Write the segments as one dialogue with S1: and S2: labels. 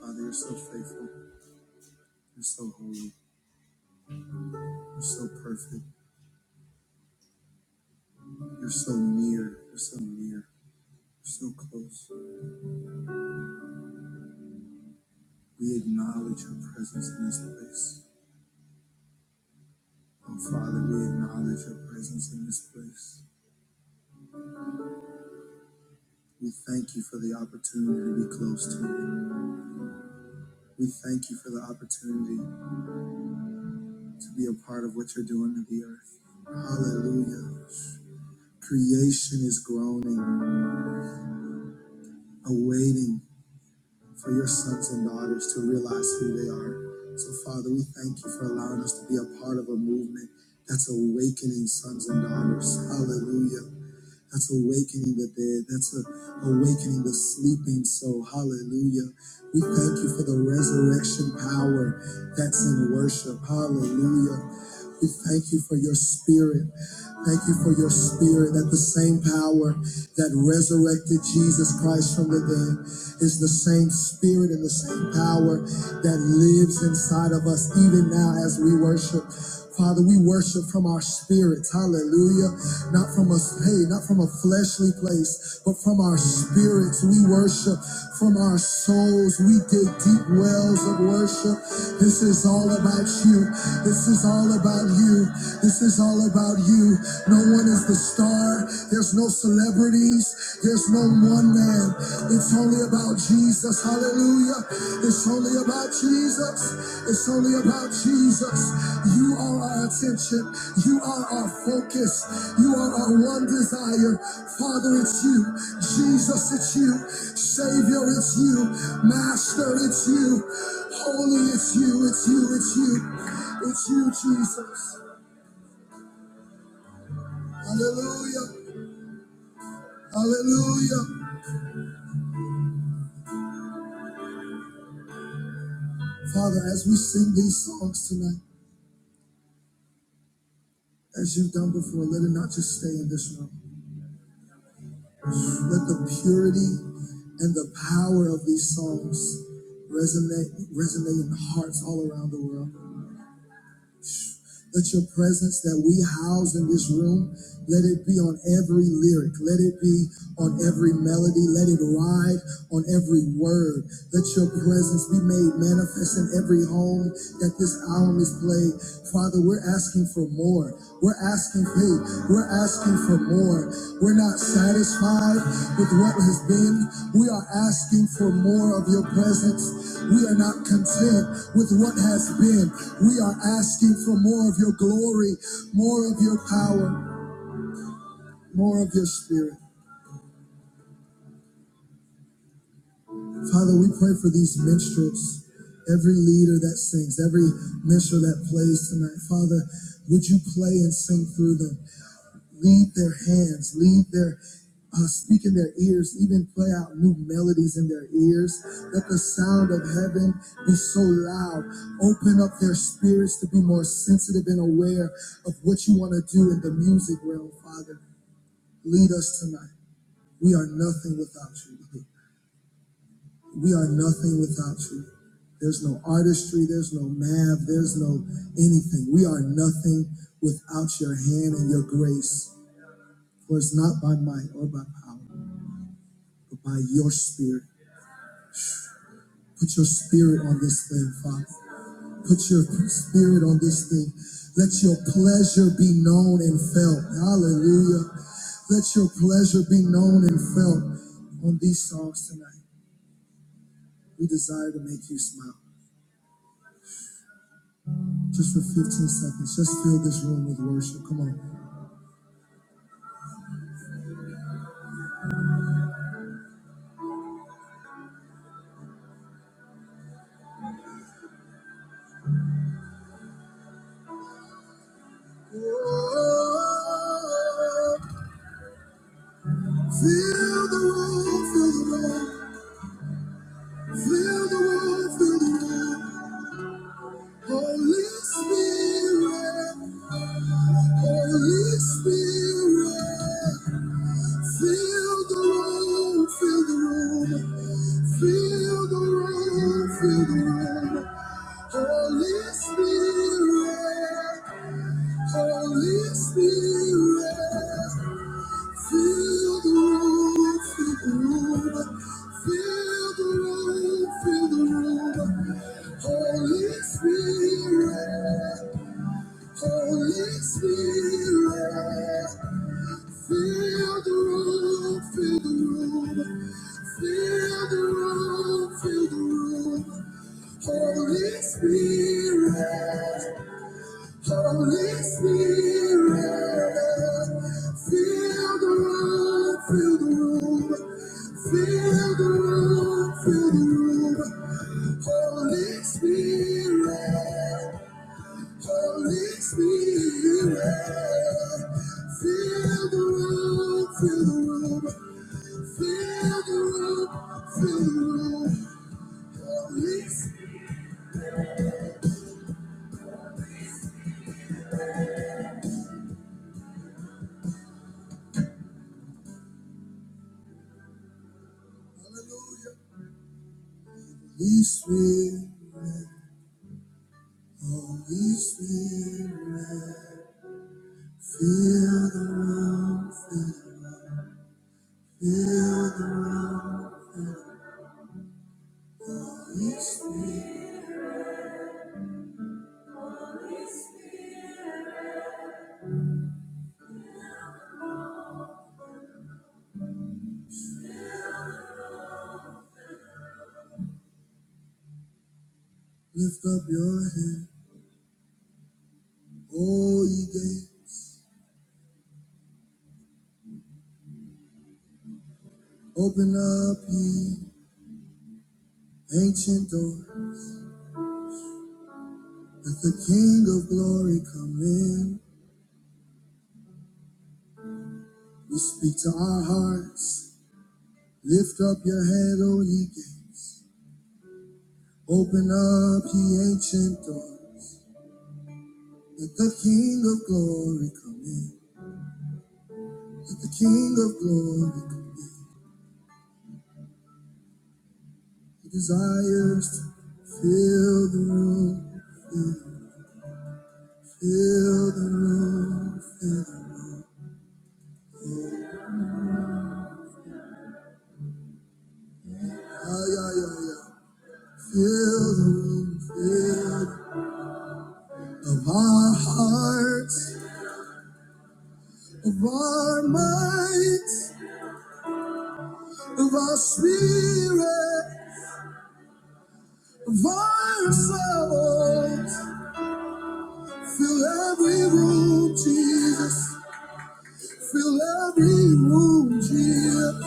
S1: Father, you're so faithful. You're so holy. You're so perfect. You're so near. You're so near. You're so close. We acknowledge your presence in this place. Oh, Father, we acknowledge your presence in this place. We thank you for the opportunity to be close to you. We thank you for the opportunity to be a part of what you're doing to the earth. Hallelujah. Creation is groaning, awaiting. for your sons and daughters to realize who they are. So, Father, we thank you for allowing us to be a part of a movement that's awakening sons and daughters. Hallelujah. That's awakening the dead. That's a, awakening the sleeping soul. Hallelujah. We thank you for the resurrection power that's in worship. Hallelujah. We thank you for your spirit. Thank you for your spirit that the same power that resurrected Jesus Christ from the dead is the same spirit and the same power that lives inside of us even now as we worship. Father, we worship from our spirits, hallelujah. Not from a hey, not from a fleshly place, but from our spirits. We worship from our souls. We dig deep wells of worship. This is all about you. This is all about you. This is all about you. No one is the star. There's no celebrities. There's no one man. It's only about Jesus. Hallelujah. It's only about Jesus. It's only about Jesus. You are our attention. You are our focus. You are our one desire. Father, it's you. Jesus, it's you. Savior, it's you. Master, it's you. Holy, it's you. It's you. It's you. It's you, Jesus. Hallelujah. Hallelujah. Father, as we sing these songs tonight, as you've done before, let it not just stay in this room. Let the purity and the power of these songs resonate resonate in hearts all around the world. Let your presence that we house in this room, let it be on every lyric, let it be on every melody, let it ride on every word. Let your presence be made manifest in every home that this album is played. Father, we're asking for more. We're asking big. We're asking for more. We're not satisfied with what has been. We are asking for more of your presence. We are not content with what has been. We are asking for more of your glory, more of your power, more of your spirit. Father, we pray for these minstrels, every leader that sings, every minstrel that plays tonight. Father, would you play and sing through them? lead their hands, lead their uh, speak in their ears, even play out new melodies in their ears. Let the sound of heaven be so loud. Open up their spirits to be more sensitive and aware of what you want to do in the music realm, Father. Lead us tonight. We are nothing without you. We are nothing without you. There's no artistry, there's no math, there's no anything. We are nothing without your hand and your grace. For it's not by might or by power, but by your spirit. Put your spirit on this thing, Father. Put your spirit on this thing. Let your pleasure be known and felt. Hallelujah. Let your pleasure be known and felt on these songs tonight. We desire to make you smile. Just for 15 seconds, just fill this room with worship. Come on. Feel the room, feel the room, feel the room, feel the room. Holy Spirit, Holy Spirit, fill the room, fill the room, fill the room, fill the room. Holy Spirit, Holy Spirit, fill the room, fill the room, fill the room, fill the room. Holy Spirit, Holy Spirit, fill the room, fill the room. Holy Spirit, Holy Spirit. Feel the room, feel the room. Each day, lift up your head, oh ye gates. Open up ye ancient door. Let the King of glory come in. We speak to our hearts. Lift up your head, O ye gates. Open up ye ancient doors. Let the King of glory come in. Let the King of glory come in. He Desires to fill the room, fill fill the room, fill the room. Yeah, yeah, yeah, yeah. Fill the room, fill of our hearts, of our minds, of our spirit, of our souls. Fill every room, Jesus. Fill every room, Jesus.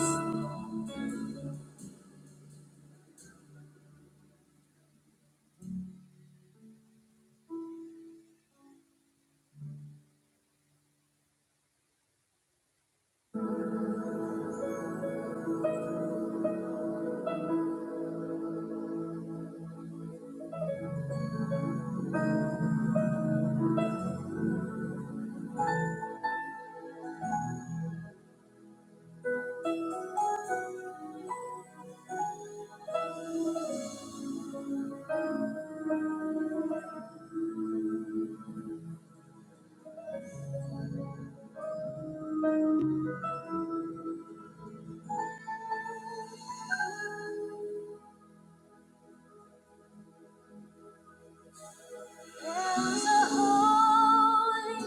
S1: There's a holy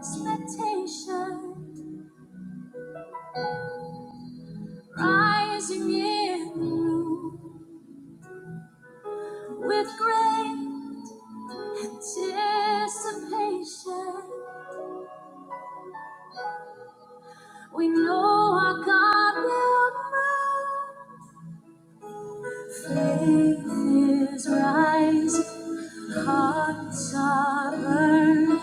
S1: expectation rising in the room with great anticipation. We know our God will move. Faith is rising, hearts are burning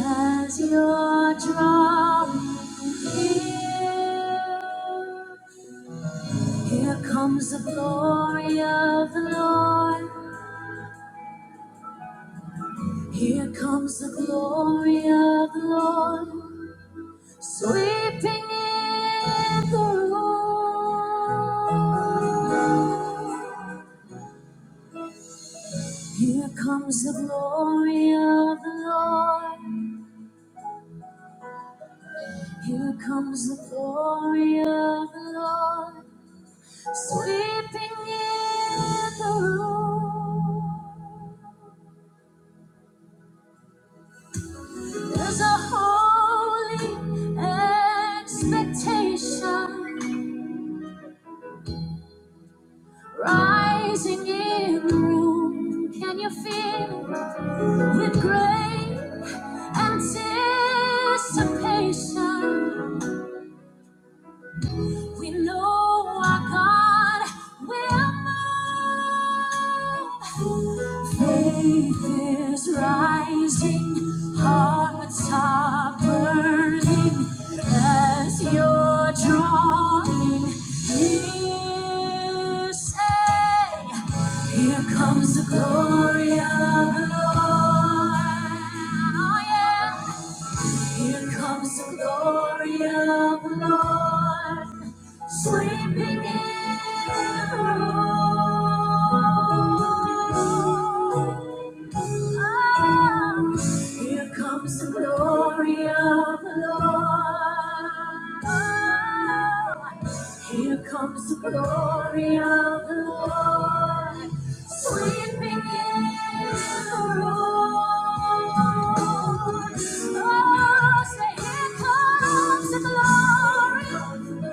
S1: as you're drawing near. Here comes the glory of the Lord. Here comes the glory of the Lord. Sweeping in the room. Here comes the glory of the Lord. Here comes the glory of the Lord. Sweeping in the room. There's a holy expectation rising in the room. Can you feel it? With great anticipation, we know our God will. Faith is rising, hearts are burning as you're drawing near. Say, here comes the glory of the Lord. Oh, yeah. Here comes the glory of the Lord, sweeping in the room. Ah. Here comes the glory of the Lord. Here comes the glory of the Lord. Sweeping in the room. Oh, say, here comes the glory. Oh, here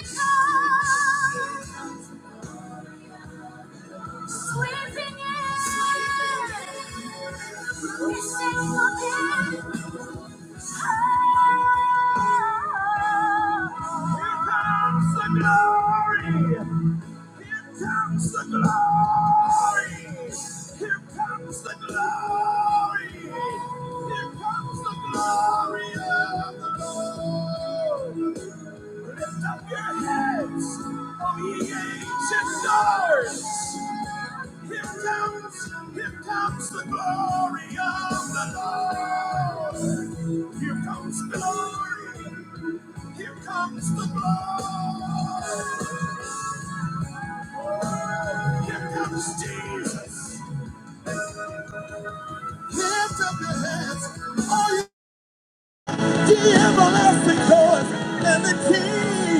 S1: it comes. Sweeping in, missing nothing. Here comes the glory. Here comes the glory. Here comes the glory. Here comes the glory of the Lord. Lift up your heads, O ye ancient doors. Here comes, here comes the glory of the Lord. Here comes glory. Here comes the glory. Here comes Jesus. Lift up your hands. Are you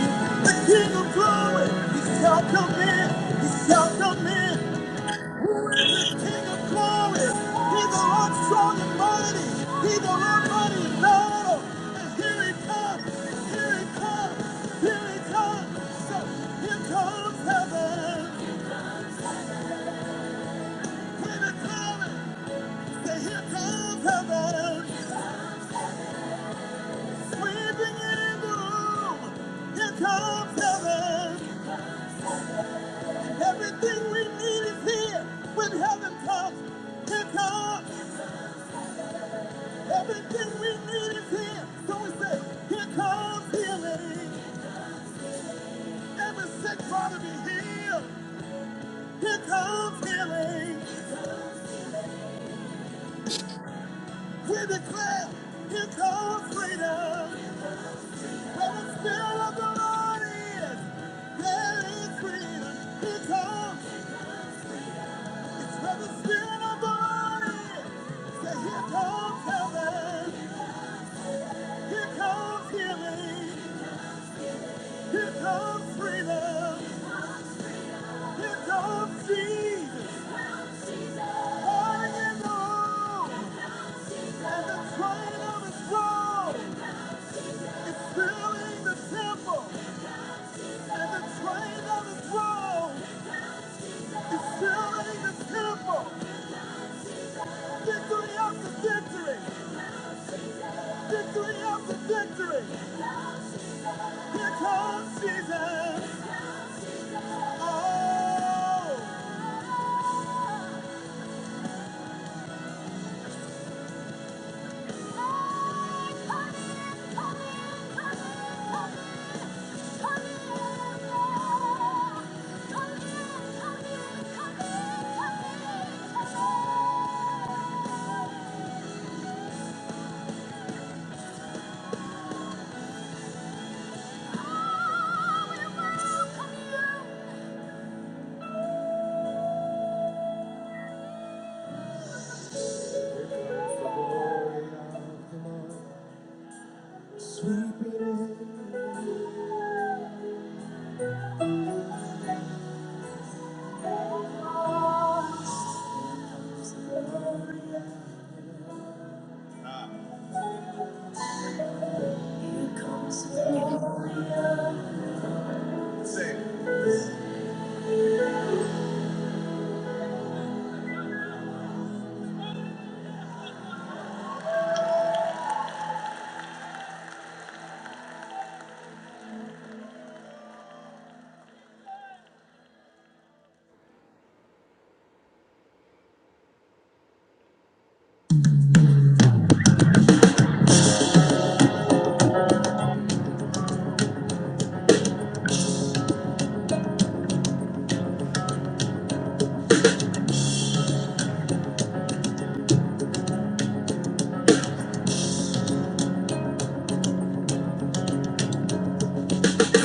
S1: the King of glory? He's shall come in. He shall come in. King of glory. He's the Lord strong and mighty. He's the Lord mighty in battle. And here he comes. Here he comes. Here he comes. So here comes heaven. When it comes, say here comes heaven. Sweeping in the room. Here comes heaven. Everything we need is here. When heaven comes, here comes. Everything we need is here. So we say, here comes healing. Every sick body be healed. Here comes healing. We declare, here comes freedom. Where the spirit of the Lord is, there is freedom. Here comes Victory after victory, victory after victory. Here comes Jesus. Oh. Sweep it in. Here comes the- Sing.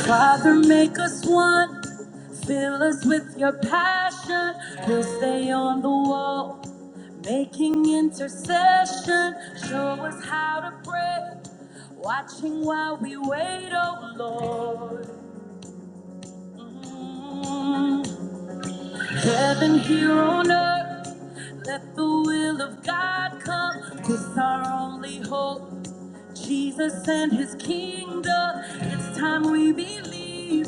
S1: Father, make us one. Fill us with your passion. We'll stay on the wall, making intercession. Show us how to pray, watching while we wait, oh Lord. Mm. Heaven here on earth, let the will of God come. This our only hope. Jesus and his kingdom, it's time we believe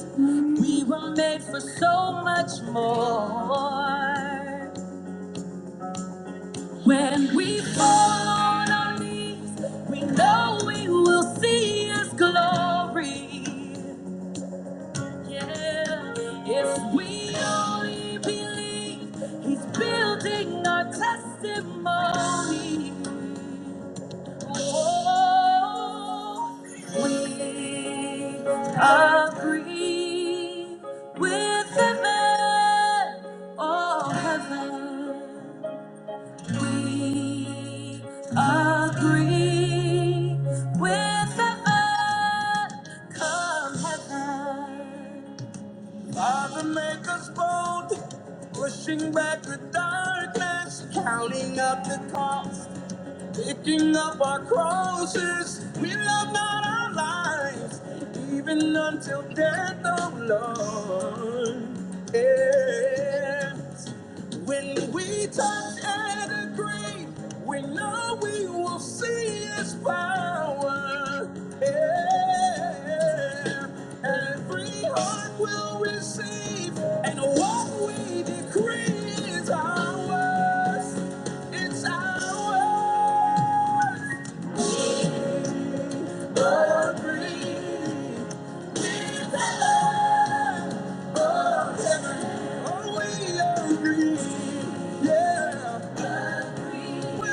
S1: we were made for so much more. When we fall on our knees, we know we will see his glory. Yeah, if we only believe, he's building our testimony. We agree with heaven, oh heaven. We agree with heaven, come heaven. Father, make us bold, pushing back the darkness, counting up the cost. Picking up our crosses, we love not our lives, even until death, oh Lord. Yeah. When we touch and agree, we know we will see His power. Yeah. Every heart will receive, and what we decree is ours. It's ours. Agree. It's ours. Oh, we agree. Yeah. With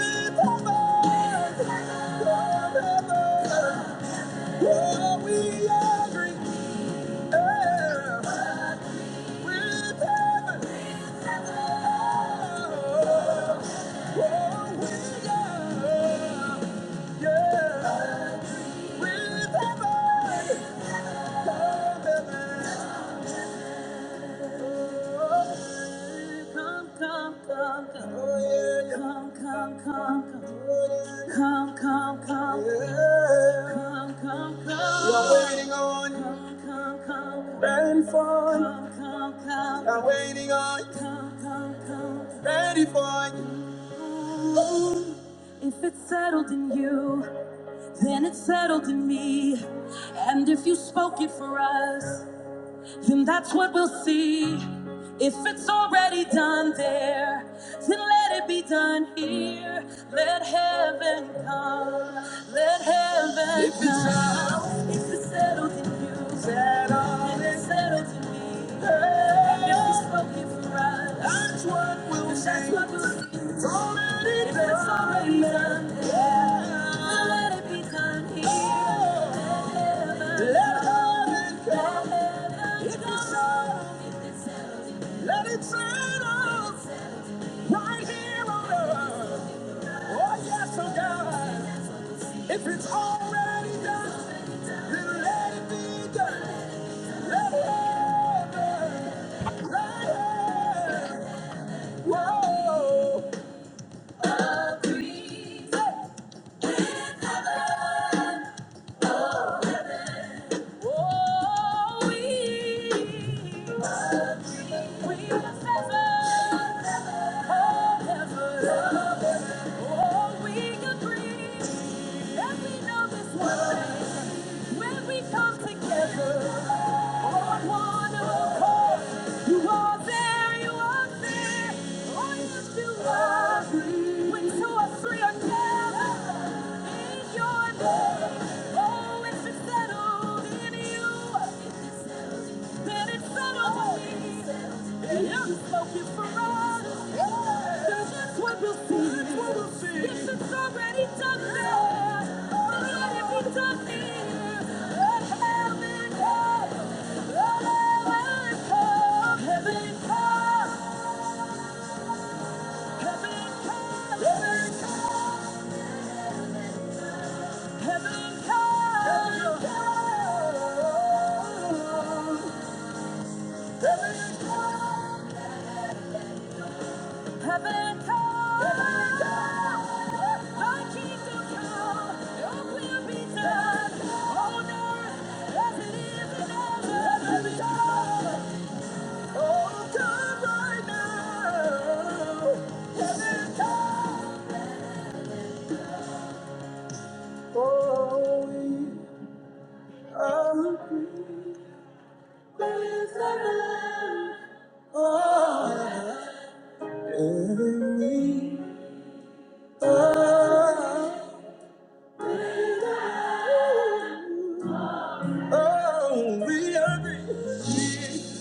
S1: Yeah. Come, come, come, come. Oh, yeah. Come, come, come, come. Oh, yeah. Come, come, come. Yeah. Come, come, come. We're waiting on you. Come, come, come. Ready for you. Come, come, come. We're waiting on you. Come, come, come. Ready for you. If it's settled in you, then it's settled in me. And if you spoke it for us, then that's what we'll see. If it's already done there, then let it be done here. Let heaven come. Let heaven if it's come. Settled, if it's settled in you, settled. and it's settled in me. Hey. If it's spoken for us, that's what we'll if that's what we'll see. It's already if it's done. already done there, then let it be done here. Oh. Let heaven let heaven come. Let heaven come. If it's come. settled, let it settle right here on earth. Oh, yes, oh God. If it's already done, then let it be done. Let it happen. Let it Whoa. Whoa. Oh, We, we confess our heaven. Oh, we agree that we know this one. When we come together on one accord, you are there, you are there. Oh, yes, you are. When two or three are gathered in your name, oh, it's settled in you. Then it settled on me. And now you spoken for us. So that's what what we'll see. Yes, it's already done there. let it be done here. Let Heaven come. Heaven come. Heaven come. Heaven come. Heaven come. Heaven come, heaven come, thy kingdom come, your will be done on earth as it is in heaven. Heaven come, oh, oh, oh, we Oh, oh, we are free. We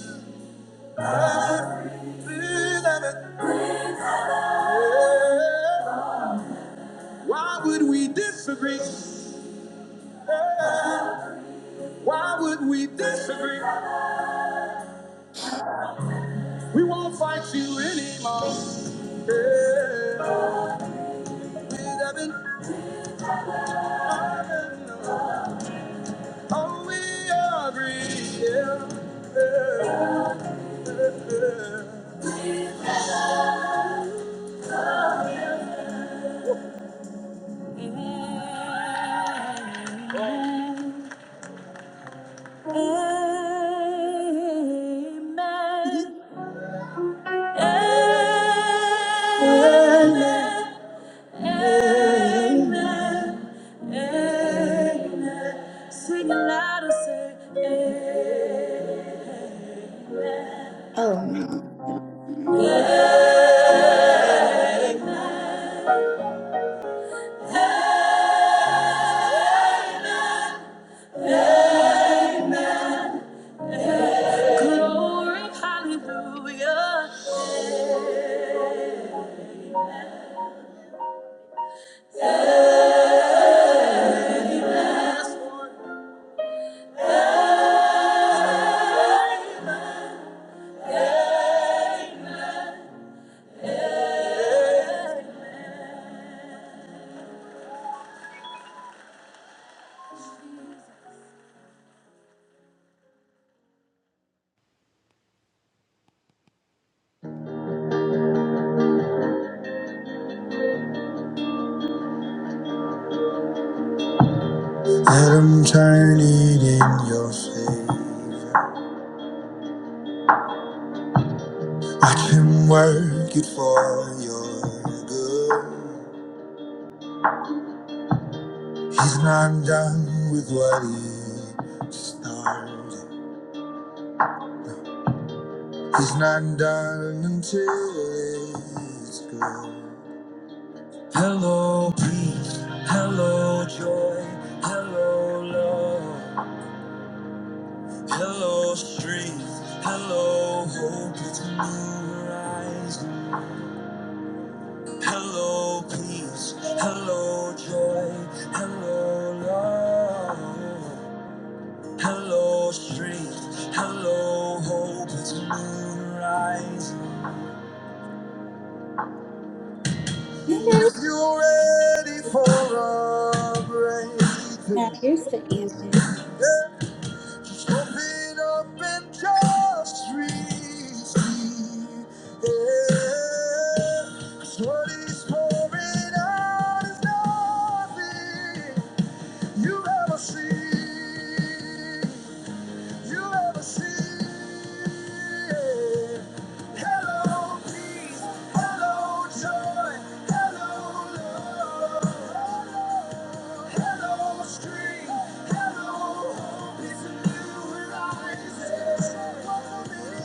S1: are free. Why would we disagree? Why would we disagree? We won't fight you anymore. Yeah. We haven't- uh, Oh, we agree. Yeah. Yeah. Amen. Amen. Amen. Amen. Sing aloud and say, amen.
S2: Oh no.
S1: Let him turn it in your favor. I can work it for your good. He's not done with what he started. He's not done until it's good. Hello, peace. Hello, joy. Hello, love. Hello, strength. Hello, hope. It's a new horizon. Hello, peace. Hello, joy. Hello, love. Hello, strength. Hello, hope. It's a new rising.
S2: Okay.
S1: If you're ready for a
S2: Now
S1: breakthrough,
S2: here's the image.
S1: just open up and just receive. Yeah. 'Cause what is pouring out is nothing. You ever see? You ever see? Hello, peace. Hello, joy. Hello, love. Hello, strength. Hello, hope. It's a new horizon. Follow me.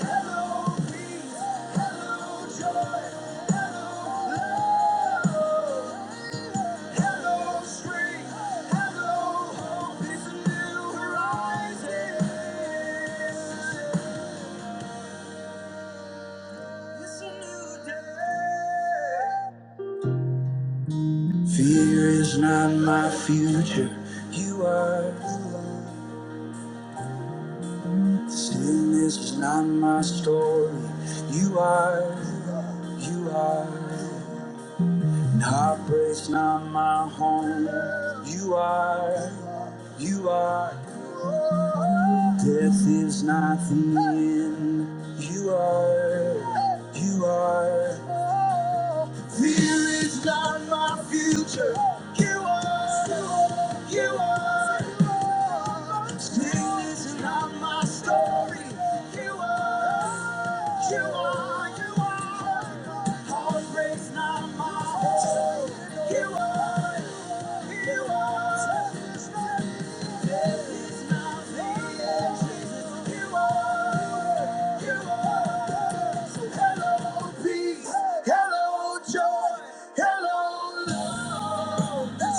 S1: Hello, peace. Hello, joy. Hello, love. Fear is not my future. You are. Sin is not my story. You are. You are. And heartbreak's not my home. You are. You are. Death is not the end. You are, you are. Fear is not my future. You are, you are, you are. Pain is not my story. You are, you are, you are. Heartbreak's not my home. You are, you are. Death is not the end. You are, you are.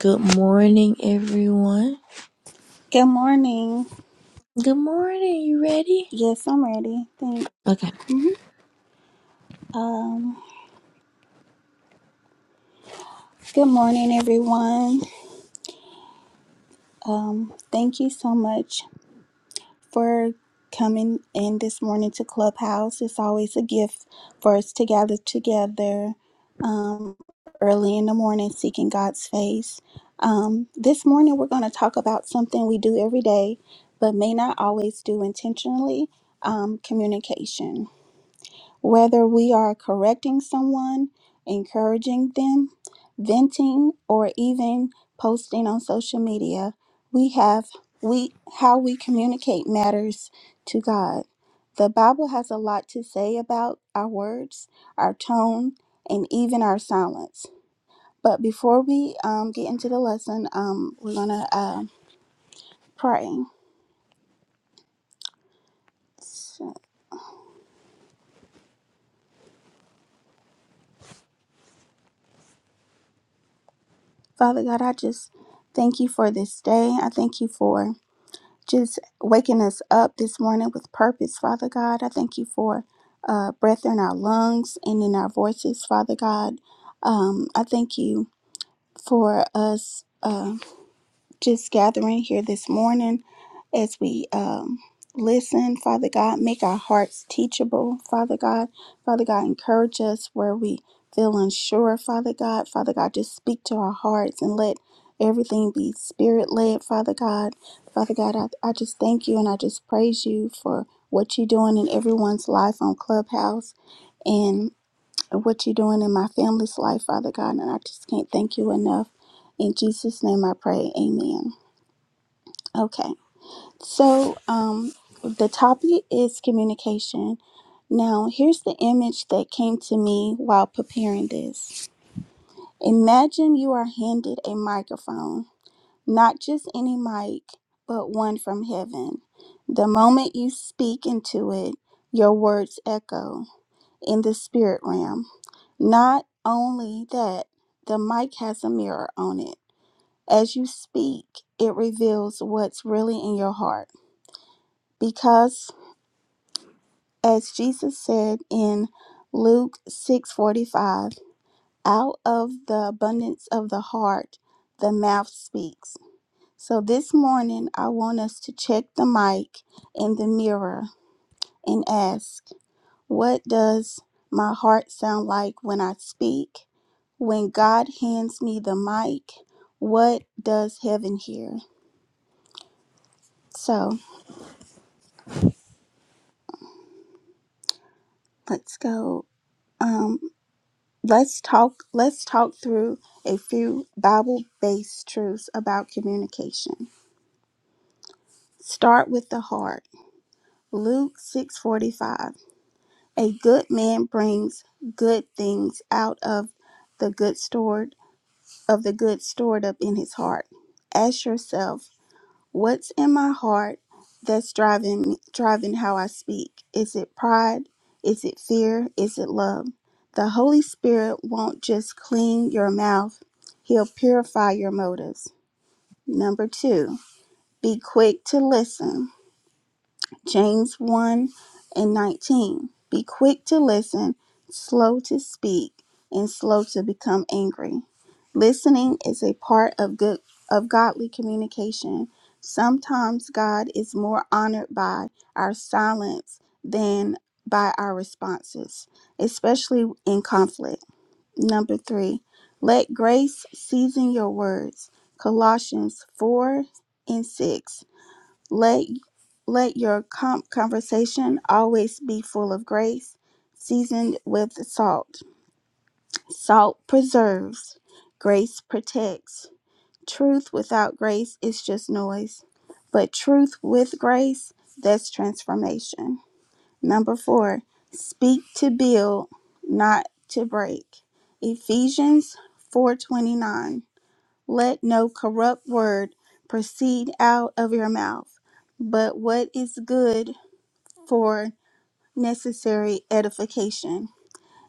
S1: Good morning, everyone.
S2: Good morning.
S1: Good morning. You ready?
S2: Yes, I'm ready. Thanks.
S1: Okay.
S2: Mhm. Um, good morning, everyone. Um, thank you so much for coming in this morning to Clubhouse. It's always a gift for us to gather together um, early in the morning seeking God's face. Um, this morning, we're going to talk about something we do every day, but may not always do intentionally um, communication. Whether we are correcting someone, encouraging them, venting, or even posting on social media, we have we how we communicate matters to God. The Bible has a lot to say about our words, our tone, and even our silence. But before we um, get into the lesson, um, we're gonna uh, pray. Father God, I just thank you for this day. I thank you for just waking us up this morning with purpose, Father God. I thank you for uh, breath in our lungs and in our voices, Father God. Um, I thank you for us. Uh, just gathering here this morning as we um, listen, Father God. Make our hearts teachable, Father God. Father God, encourage us where we feel unsure, Father God. Father God, just speak to our hearts and let everything be spirit led, Father God. Father God, I, I just thank you and I just praise you for what you're doing in everyone's life on Clubhouse and what you're doing in my family's life, Father God. And I just can't thank you enough. In Jesus' name I pray. Amen. Okay, so um, the topic is communication. Now, here's the image that came to me while preparing this. Imagine you are handed a microphone, not just any mic, but one from heaven. The moment you speak into it, your words echo in the spirit realm. Not only that, the mic has a mirror on it. As you speak, it reveals what's really in your heart because As Jesus said in Luke 6:45, out of the abundance of the heart the mouth speaks. So this morning I want us to check the mic and the mirror and ask, what does my heart sound like when I speak? When God hands me the mic, what does heaven hear? So, let's go. Um. Let's talk let's talk through a few Bible-based truths about communication. Start with the heart. Luke 6:45. A good man brings good things out of the good stored of the good stored up in his heart. Ask yourself What's in my heart that's driving driving how I speak? Is it pride? Is it fear? Is it love? The Holy Spirit won't just clean your mouth. He'll purify your motives. Number 2. Be quick to listen. James 1 and 19. Be quick to listen, slow to speak, and slow to become angry. Listening is a part of good of godly communication. Sometimes God is more honored by our silence than by our responses, especially in conflict. Number 3. Let grace season your words. Colossians 4 and 6 let let your com- conversation always be full of grace, seasoned with salt. Salt preserves, grace protects. Truth without grace is just noise, but truth with grace, that's transformation. Number 4, speak to build, not to break. Ephesians 4:29. Let no corrupt word proceed out of your mouth, but what is good for necessary edification.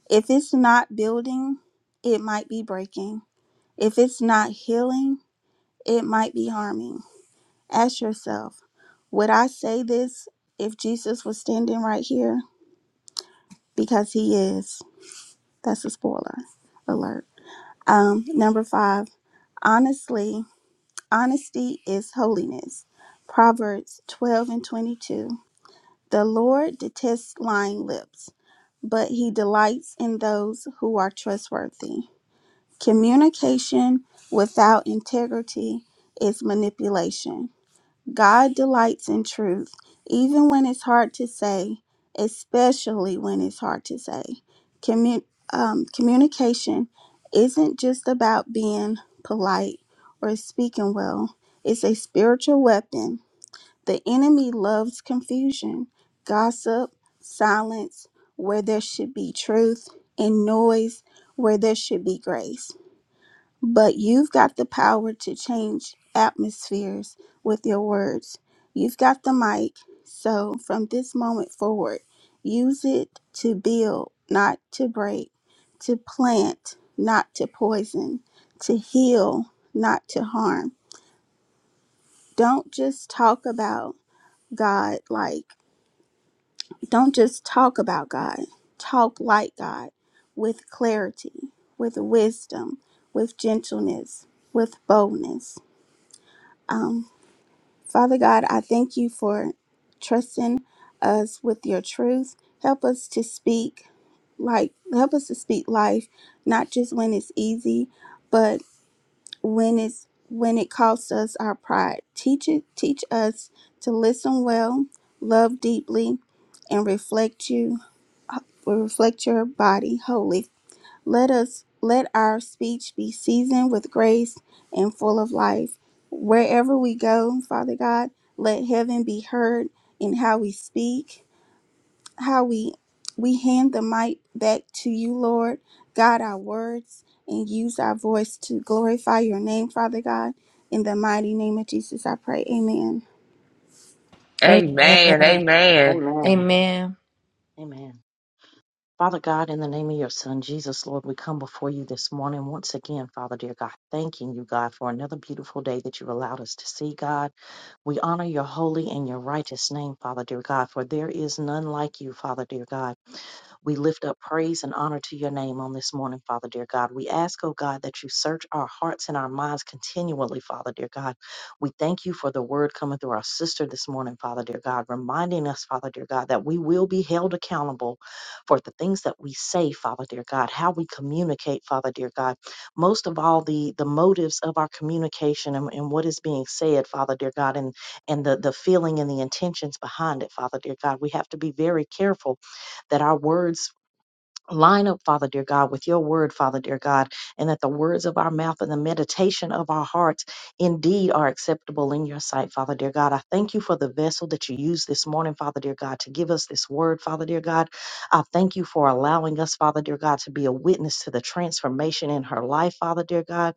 S2: If it's not building, it might be breaking. If it's not healing, it might be harming. Ask yourself, would I say this if Jesus was standing right here? Because he is. That's a spoiler alert. Um, number five, honestly. Honesty is holiness. Proverbs 12 and 22. The Lord detests lying lips, but he delights in those who are trustworthy. Communication without integrity is manipulation. God delights in truth, even when it's hard to say, especially when it's hard to say. Commu- um, communication isn't just about being polite or speaking well, it's a spiritual weapon. The enemy loves confusion, gossip, silence where there should be truth, and noise where there should be grace. But you've got the power to change atmospheres with your words. You've got the mic. So from this moment forward, use it to build, not to break, to plant, not to poison, to heal, not to harm. Don't just talk about God like, don't just talk about God. Talk like God with clarity, with wisdom, with gentleness, with boldness Um, Father God, I thank you for trusting us with your truth. Help us to speak like help us to speak life, not just when it's easy, but when it's when it costs us our pride. Teach it teach us to listen well, love deeply, and reflect you, reflect your body wholly let us let our speech be seasoned with grace and full of life. Wherever we go, Father God, let heaven be heard in how we speak, how we we hand the mic back to you, Lord. God our words and use our voice to glorify your name, Father God. In the mighty name of Jesus, I pray. Amen.
S1: Amen.
S3: Amen. Amen.
S4: Amen.
S1: Amen.
S4: Amen. Father God, in the name of your Son, Jesus, Lord, we come before you this morning once again, Father dear God, thanking you, God, for another beautiful day that you've allowed us to see, God. We honor your holy and your righteous name, Father dear God, for there is none like you, Father dear God. We lift up praise and honor to your name on this morning, Father, dear God. We ask, oh God, that you search our hearts and our minds continually, Father, dear God. We thank you for the word coming through our sister this morning, Father, dear God, reminding us, Father, dear God, that we will be held accountable for the things that we say, Father, dear God, how we communicate, Father, dear God. Most of all, the, the motives of our communication and, and what is being said, Father, dear God, and, and the, the feeling and the intentions behind it, Father, dear God. We have to be very careful that our words line up, Father dear God, with your word, Father dear God, and that the words of our mouth and the meditation of our hearts indeed are acceptable in your sight, Father dear God. I thank you for the vessel that you used this morning, Father dear God, to give us this word, Father dear God. I thank you for allowing us, Father dear God, to be a witness to the transformation in her life, Father dear God.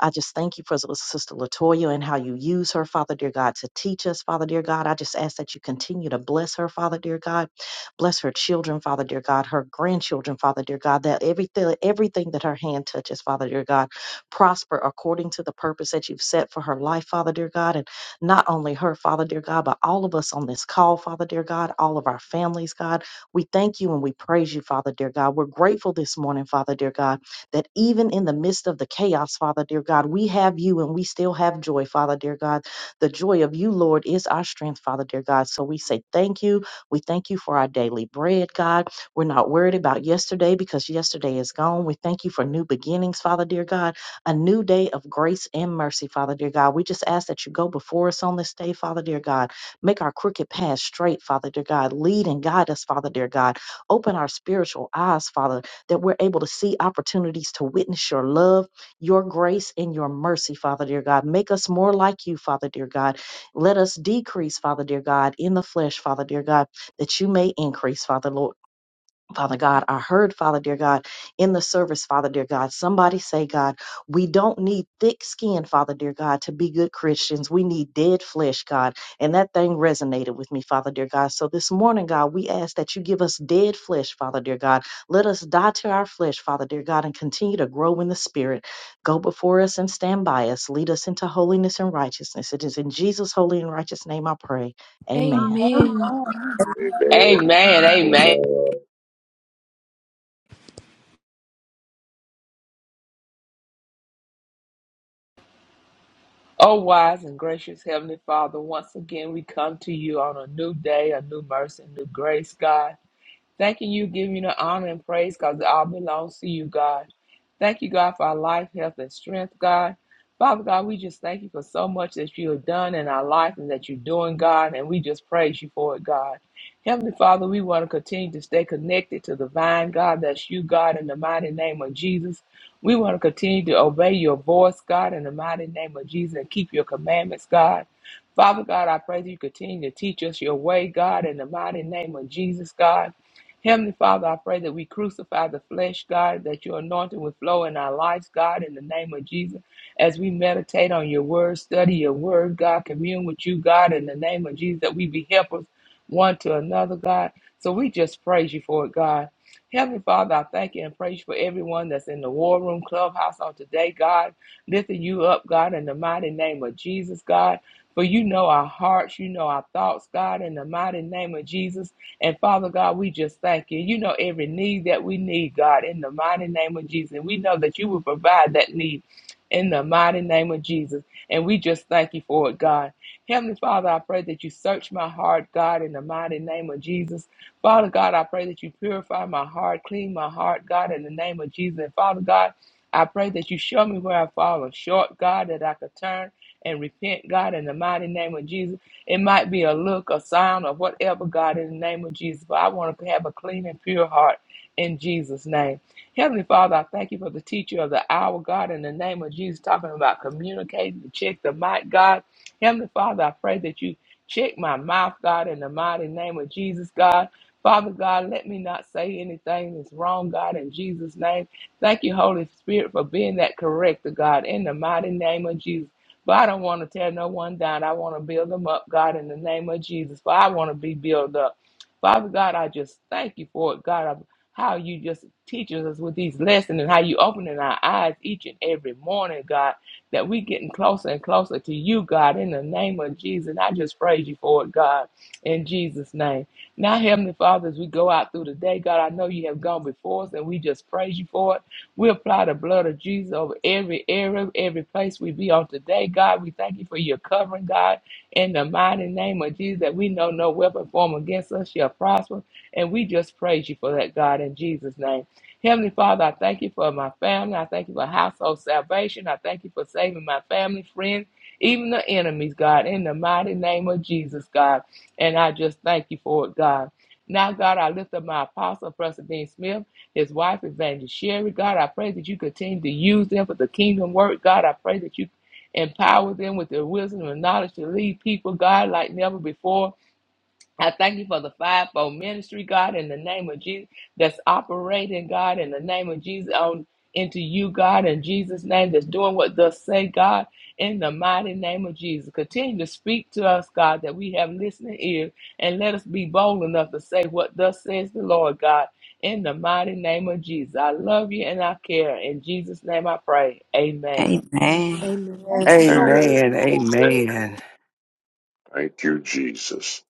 S4: I just thank you for Sister Latoya and how you use her, Father dear God, to teach us, Father dear God. I just ask that you continue to bless her, Father dear God Bless her children, Father dear God, her grandchildren, Father dear God, that everything everything that her hand touches, Father dear God, prosper according to the purpose that you've set for her life, Father dear God, and not only her, Father dear God, but all of us on this call, Father dear God, all of our families, God. We thank you and we praise you, Father dear God. We're grateful this morning, Father dear God, that even in the midst of the chaos, Father dear God, we have you and we still have joy, Father dear God. The joy of you, Lord, is our strength, Father dear God. So we say thank you we thank you for our daily bread, God. We're not worried about yesterday because yesterday is gone. We thank you for new beginnings, Father, dear God, a new day of grace and mercy, Father, dear God. We just ask that you go before us on this day, Father, dear God. Make our crooked path straight, Father, dear God. Lead and guide us, Father, dear God. Open our spiritual eyes, Father, that we're able to see opportunities to witness your love, your grace, and your mercy, Father, dear God. Make us more like you, Father, dear God. Let us decrease, Father, dear God, in the flesh, Father, dear God that you may increase, Father Lord. Father God, I heard, Father dear God, in the service, Father dear God, somebody say, God, we don't need thick skin, Father dear God, to be good Christians. We need dead flesh, God. And that thing resonated with me, Father dear God. So this morning, God, we ask that you give us dead flesh, Father dear God. Let us die to our flesh, Father dear God, and continue to grow in the Spirit. Go before us and stand by us. Lead us into holiness and righteousness. It is in Jesus' holy and righteous name I pray. Amen.
S1: Amen.
S5: Amen.
S3: Amen. Amen.
S5: Amen.
S3: Oh, wise and gracious Heavenly Father, once again we come to you on a new day, a new mercy, and new grace, God. Thanking you, giving you the honor and praise because it all belongs to you, God. Thank you, God, for our life, health, and strength, God. Father God, we just thank you for so much that you have done in our life and that you're doing, God, and we just praise you for it, God. Heavenly Father, we want to continue to stay connected to the vine, God. That's you, God, in the mighty name of Jesus. We want to continue to obey your voice, God, in the mighty name of Jesus, and keep your commandments, God. Father God, I pray that you continue to teach us your way, God, in the mighty name of Jesus, God. Heavenly Father, I pray that we crucify the flesh, God, that your anointing would flow in our lives, God, in the name of Jesus. As we meditate on your word, study your word, God, commune with you, God, in the name of Jesus, that we be helpers one to another, God. So we just praise you for it, God. Heavenly Father, I thank you and praise you for everyone that's in the war room clubhouse on today, God. Lifting you up, God, in the mighty name of Jesus, God. For you know our hearts, you know our thoughts, God, in the mighty name of Jesus. And Father God, we just thank you. You know every need that we need, God, in the mighty name of Jesus. And we know that you will provide that need in the mighty name of Jesus. And we just thank you for it, God. Heavenly Father, I pray that you search my heart, God, in the mighty name of Jesus. Father God, I pray that you purify my heart, clean my heart, God, in the name of Jesus. And Father God, I pray that you show me where I've fallen short, God, that I could turn and repent, God, in the mighty name of Jesus. It might be a look, a sound, or whatever, God, in the name of Jesus. But I want to have a clean and pure heart in Jesus' name. Heavenly Father, I thank you for the teacher of the hour, God, in the name of Jesus, talking about communicating to check the mic, God. Heavenly Father, I pray that you check my mouth, God, in the mighty name of Jesus, God. Father God, let me not say anything that's wrong, God, in Jesus' name. Thank you, Holy Spirit, for being that corrector, God, in the mighty name of Jesus. But I don't want to tear no one down. I want to build them up, God, in the name of Jesus. For I want to be built up. Father God, I just thank you for it, God, of how you just teaches us with these lessons and how you opening our eyes each and every morning, God, that we getting closer and closer to you, God, in the name of Jesus. And I just praise you for it, God, in Jesus' name. Now, Heavenly Father, as we go out through the day, God, I know you have gone before us and we just praise you for it. We apply the blood of Jesus over every area, every place we be on today. God, we thank you for your covering, God, in the mighty name of Jesus, that we know no weapon formed against us shall prosper. And we just praise you for that, God, in Jesus' name. Heavenly Father, I thank you for my family. I thank you for household salvation. I thank you for saving my family, friends, even the enemies, God, in the mighty name of Jesus, God. And I just thank you for it, God. Now, God, I lift up my apostle, Preston Dean Smith his wife, Evangelist Sherry. God, I pray that you continue to use them for the kingdom work. God, I pray that you empower them with the wisdom and knowledge to lead people, God, like never before. I thank you for the fivefold ministry, God, in the name of Jesus, that's operating, God, in the name of Jesus, on into you, God, in Jesus' name, that's doing what thus say, God, in the mighty name of Jesus. Continue to speak to us, God, that we have listening ears, and let us be bold enough to say what thus says the Lord, God, in the mighty name of Jesus. I love you and I care. In Jesus' name I pray.
S6: Amen.
S3: Amen.
S1: Amen.
S5: Amen.
S7: Amen.
S5: Amen.
S7: Amen.
S5: Thank you, Jesus.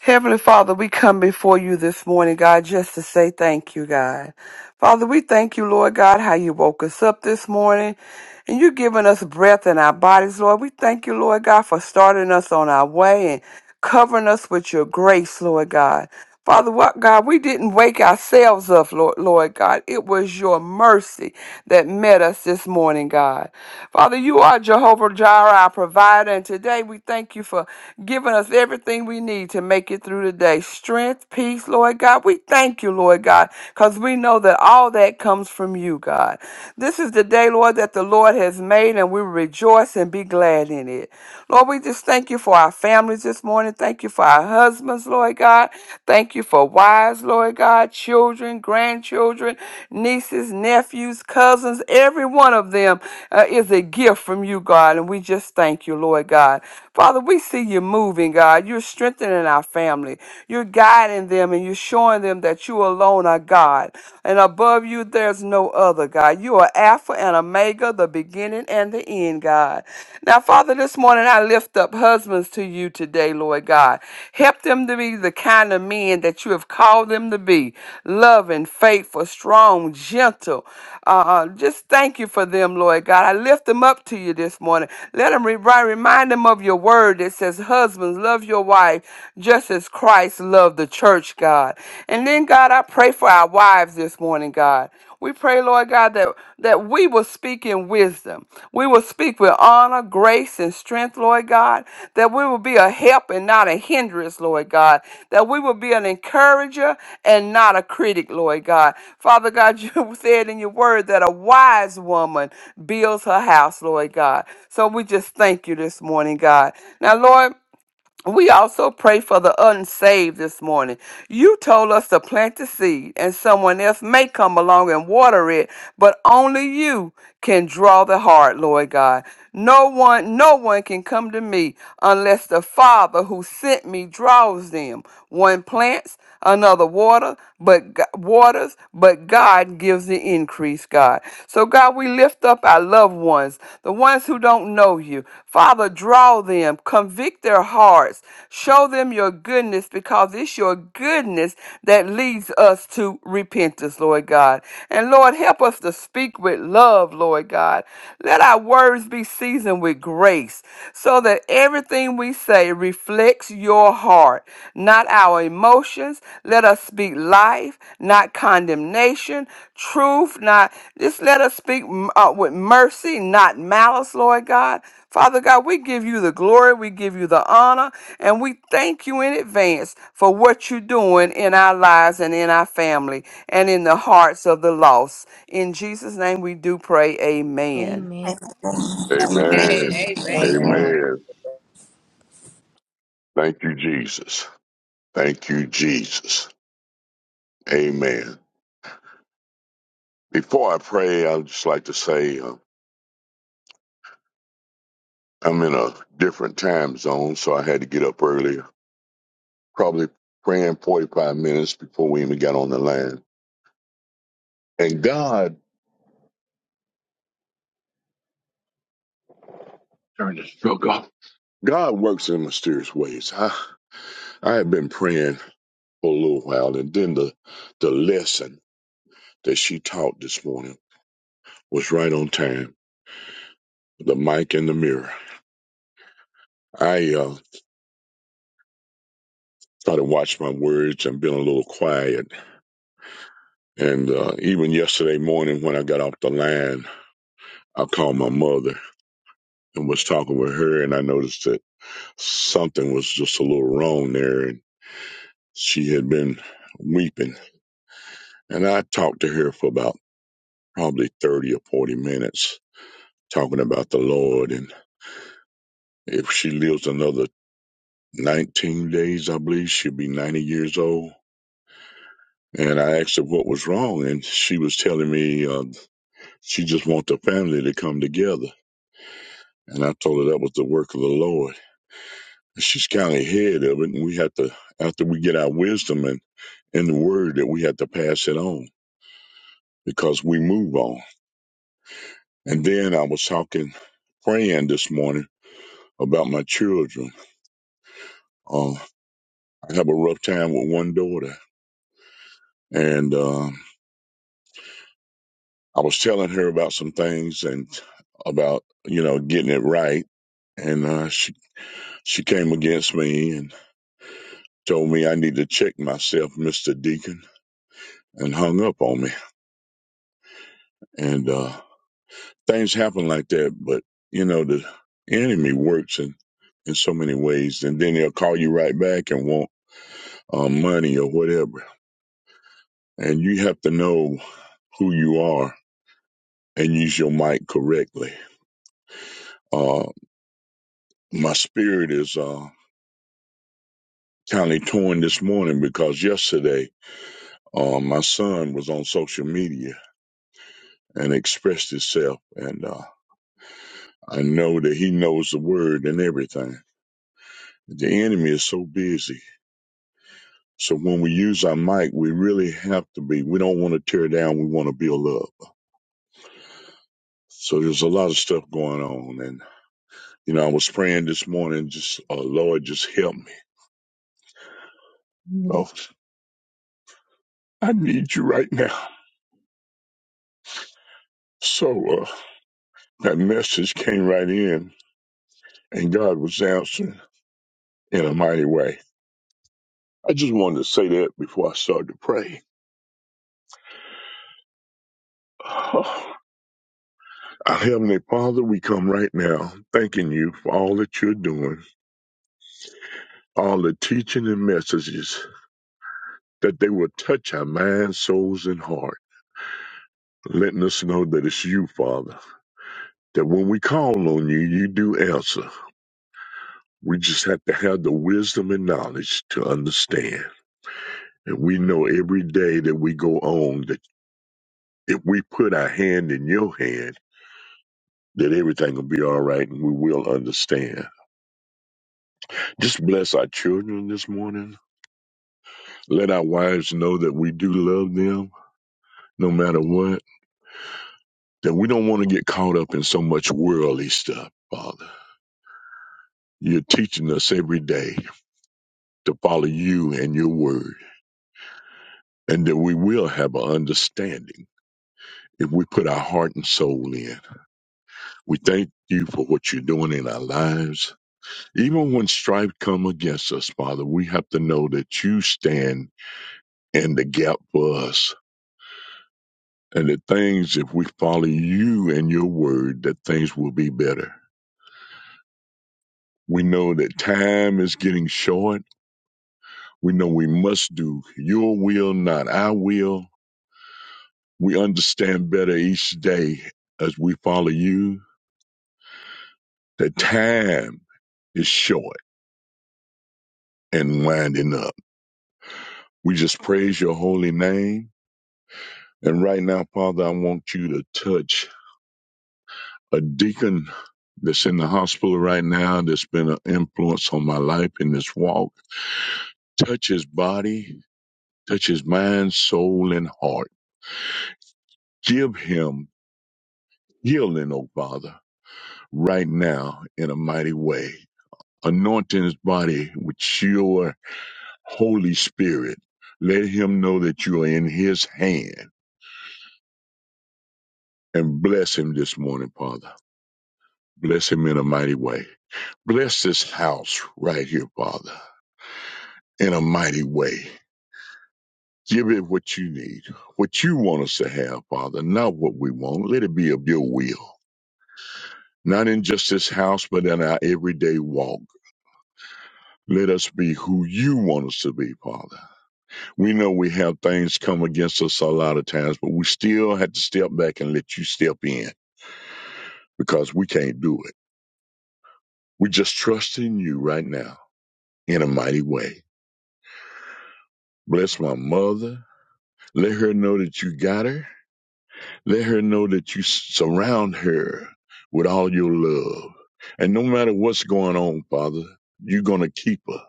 S7: Heavenly Father, we come before you this morning, God, just to say thank you, God. Father, we thank you, Lord God, how you woke us up this morning and you giving us breath in our bodies, Lord. We thank you, Lord God, for starting us on our way and covering us with your grace, Lord God. Father, what God, we didn't wake ourselves up, Lord, Lord God. It was your mercy that met us this morning, God. Father, you are Jehovah Jireh, our provider, and today we thank you for giving us everything we need to make it through the day. Strength, peace, Lord God. We thank you, Lord God, because we know that all that comes from you, God. This is the day, Lord, that the Lord has made, and we rejoice and be glad in it. Lord, we just thank you for our families this morning. Thank you for our husbands, Lord God. Thank you for wives, Lord God, children, grandchildren, nieces, nephews, cousins, every one of them uh, is a gift from you, God. And we just thank you, Lord God. Father, we see you moving, God. You're strengthening our family. You're guiding them and you're showing them that you alone are God. And above you, there's no other, God. You are Alpha and Omega, the beginning and the end, God. Now, Father, Father, this morning I lift up husbands to you today, Lord God. Help them to be the kind of men that you have called them to be loving, faithful, strong, gentle. Uh, uh, just thank you for them, Lord God. I lift them up to you this morning. Let them re- remind them of your word that says, Husbands, love your wife just as Christ loved the church, God. And then, God, I pray for our wives this morning, God. We pray, Lord God, that, that we will speak in wisdom. We will speak with honor, grace, and strength, Lord God. That we will be a help and not a hindrance, Lord God. That we will be an encourager and not a critic, Lord God. Father God, you said in your word that a wise woman builds her house, Lord God. So we just thank you this morning, God. Now, Lord. We also pray for the unsaved this morning. You told us to plant the seed, and someone else may come along and water it, but only you can draw the heart, Lord God. No one, no one can come to me unless the Father who sent me draws them. One plants, another water, but G- waters, but God gives the increase, God. So. So, God, we lift up our loved ones, the ones who don't know you. Father, draw them, convict their hearts, show them your goodness because it's your goodness that leads us to repentance, Lord God. And Lord, help us to speak with love, Lord God. Let our words be seasoned with grace so that everything we say reflects your heart, not our emotions. Let us speak life, not condemnation, truth, not just let us speak mm, uh, with mercy, not malice, Lord God. Father God, we give you the glory, we give you the honor, and we thank you in advance for what you're doing in our lives and in our family and in the hearts of the lost. In Jesus' name we do pray, amen.
S6: Amen.
S1: Amen.
S3: Amen.
S5: Amen.
S3: Amen.
S6: Amen.
S4: Amen.
S5: Amen. Thank you, Jesus. Thank you, Jesus. Amen. Before I pray, I'd just like to say uh, I'm in a different time zone, so I had to get up earlier, probably praying 45 minutes before we even got on the line. And God turned this joke off. God works in mysterious ways. I, I had been praying for a little while, and then the the lesson. that she taught this morning was right on time. The mic and the mirror. I uh, try to watch my words and been a little quiet. And uh, even yesterday morning when I got off the line, I called my mother and was talking with her, and I noticed that something was just a little wrong there, and she had been weeping. And I talked to her for about probably 30 or 40 minutes, talking about the Lord. And if she lives another 19 days, I believe she'll be 90 years old. And I asked her what was wrong, and she was telling me uh, she just want the family to come together. And I told her that was the work of the Lord. And She's kind of ahead of it, and we have to, after we get our wisdom and in the Word, that we have to pass it on because we move on. And then I was talking, praying this morning about my children. Uh, I have a rough time with one daughter, and um I was telling her about some things and about you know getting it right and uh, she She came against me and told me I need to check myself, Mr. Deacon, and hung up on me. And uh, things happen like that, but you know, the enemy works in, in so many ways. And then they'll call you right back and want uh, money or whatever. And you have to know who you are and use your mic correctly. Uh, my spirit is uh, kind of torn this morning because yesterday uh, my son was on social media and expressed himself. and. uh, I know that he knows the word and everything. The enemy is so busy. So when we use our mic, we really have to be. We don't want to tear down. We want to build up. So there's a lot of stuff going on. And, you know, I was praying this morning, just, uh, Lord, just help me. Oh, I need you right now. So uh, that message came right in and God was answering in a mighty way. I just wanted to say that before I started to pray. Our Heavenly Father, we come right now thanking you for all that you're doing, all the teaching and messages, that they will touch our minds, souls, and heart, letting us know that it's you, Father, that when we call on you, you do answer. We just have to have the wisdom and knowledge to understand. And we know every day that we go on that if we put our hand in your hand, that everything will be all right and we will understand. Just bless our children this morning Let our wives know that we do love them no matter what, that we don't want to get caught up in so much worldly stuff, Father. You're teaching us every day to follow you and your word, and that we will have an understanding if we put our heart and soul in. We thank you for what you're doing in our lives. Even when strife come against us, Father, we have to know that you stand in the gap for us. And that things, if we follow you and your word, that things will be better. We know that time is getting short. We know we must do your will, not our will. We understand better each day as we follow you that time is short and winding up. We just praise your holy name. And right now, Father, I want you to touch a deacon that's in the hospital right now that's been an influence on my life in this walk. Touch his body, touch his mind, soul, and heart. Give him Heal then, O Father, right now in a mighty way. Anointing his body with your Holy Spirit. Let him know that you are in his hand and bless him this morning, Father. Bless him in a mighty way. Bless this house right here, Father, in a mighty way. Give it what you need, what you want us to have, Father, not what we want. Let it be of your will, not in just this house, but in our everyday walk. Let us be who you want us to be, Father we know we have things come against us a lot of times, but we still have to step back and let you step in because we can't do it. We just trust in you right now in a mighty way. Bless my mother. Let her know that you got her. Let her know that you surround her with all your love. And no matter what's going on, Father, you're going to keep her.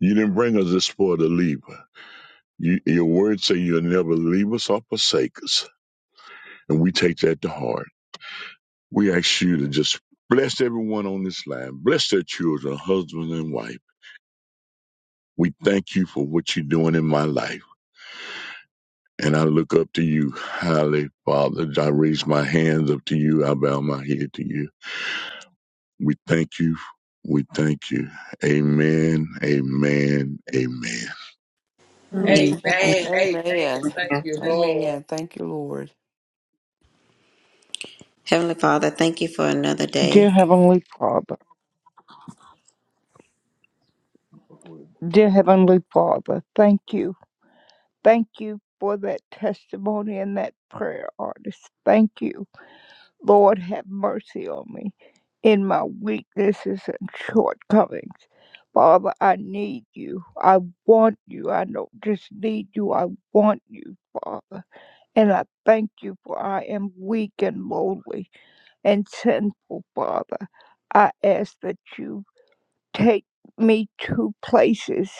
S5: You didn't bring us this far to leave her. You, your words say you'll never leave us or forsake us. And we take that to heart. We ask you to just bless everyone on this line, bless their children, husband and wife. We thank you for what you're doing in my life. And I look up to you highly, Father. I raise my hands up to you. I bow my head to you. We thank you. We thank you. Amen. Amen. Amen.
S3: Amen.
S6: Amen.
S3: Amen.
S7: Amen.
S3: Thank
S6: Amen.
S3: you, Lord.
S7: Amen. Thank you, Lord.
S6: Heavenly Father, thank you for another
S8: Dear
S6: day.
S8: Heavenly Father, dear Heavenly Father, thank you. Thank you for that testimony and that prayer, artist. Thank you. Lord, have mercy on me in my weaknesses and shortcomings. Father, I need you. I want you. I don't just need you. I want you, Father. And I thank you for I am weak and lowly and sinful, Father. I ask that you take me to places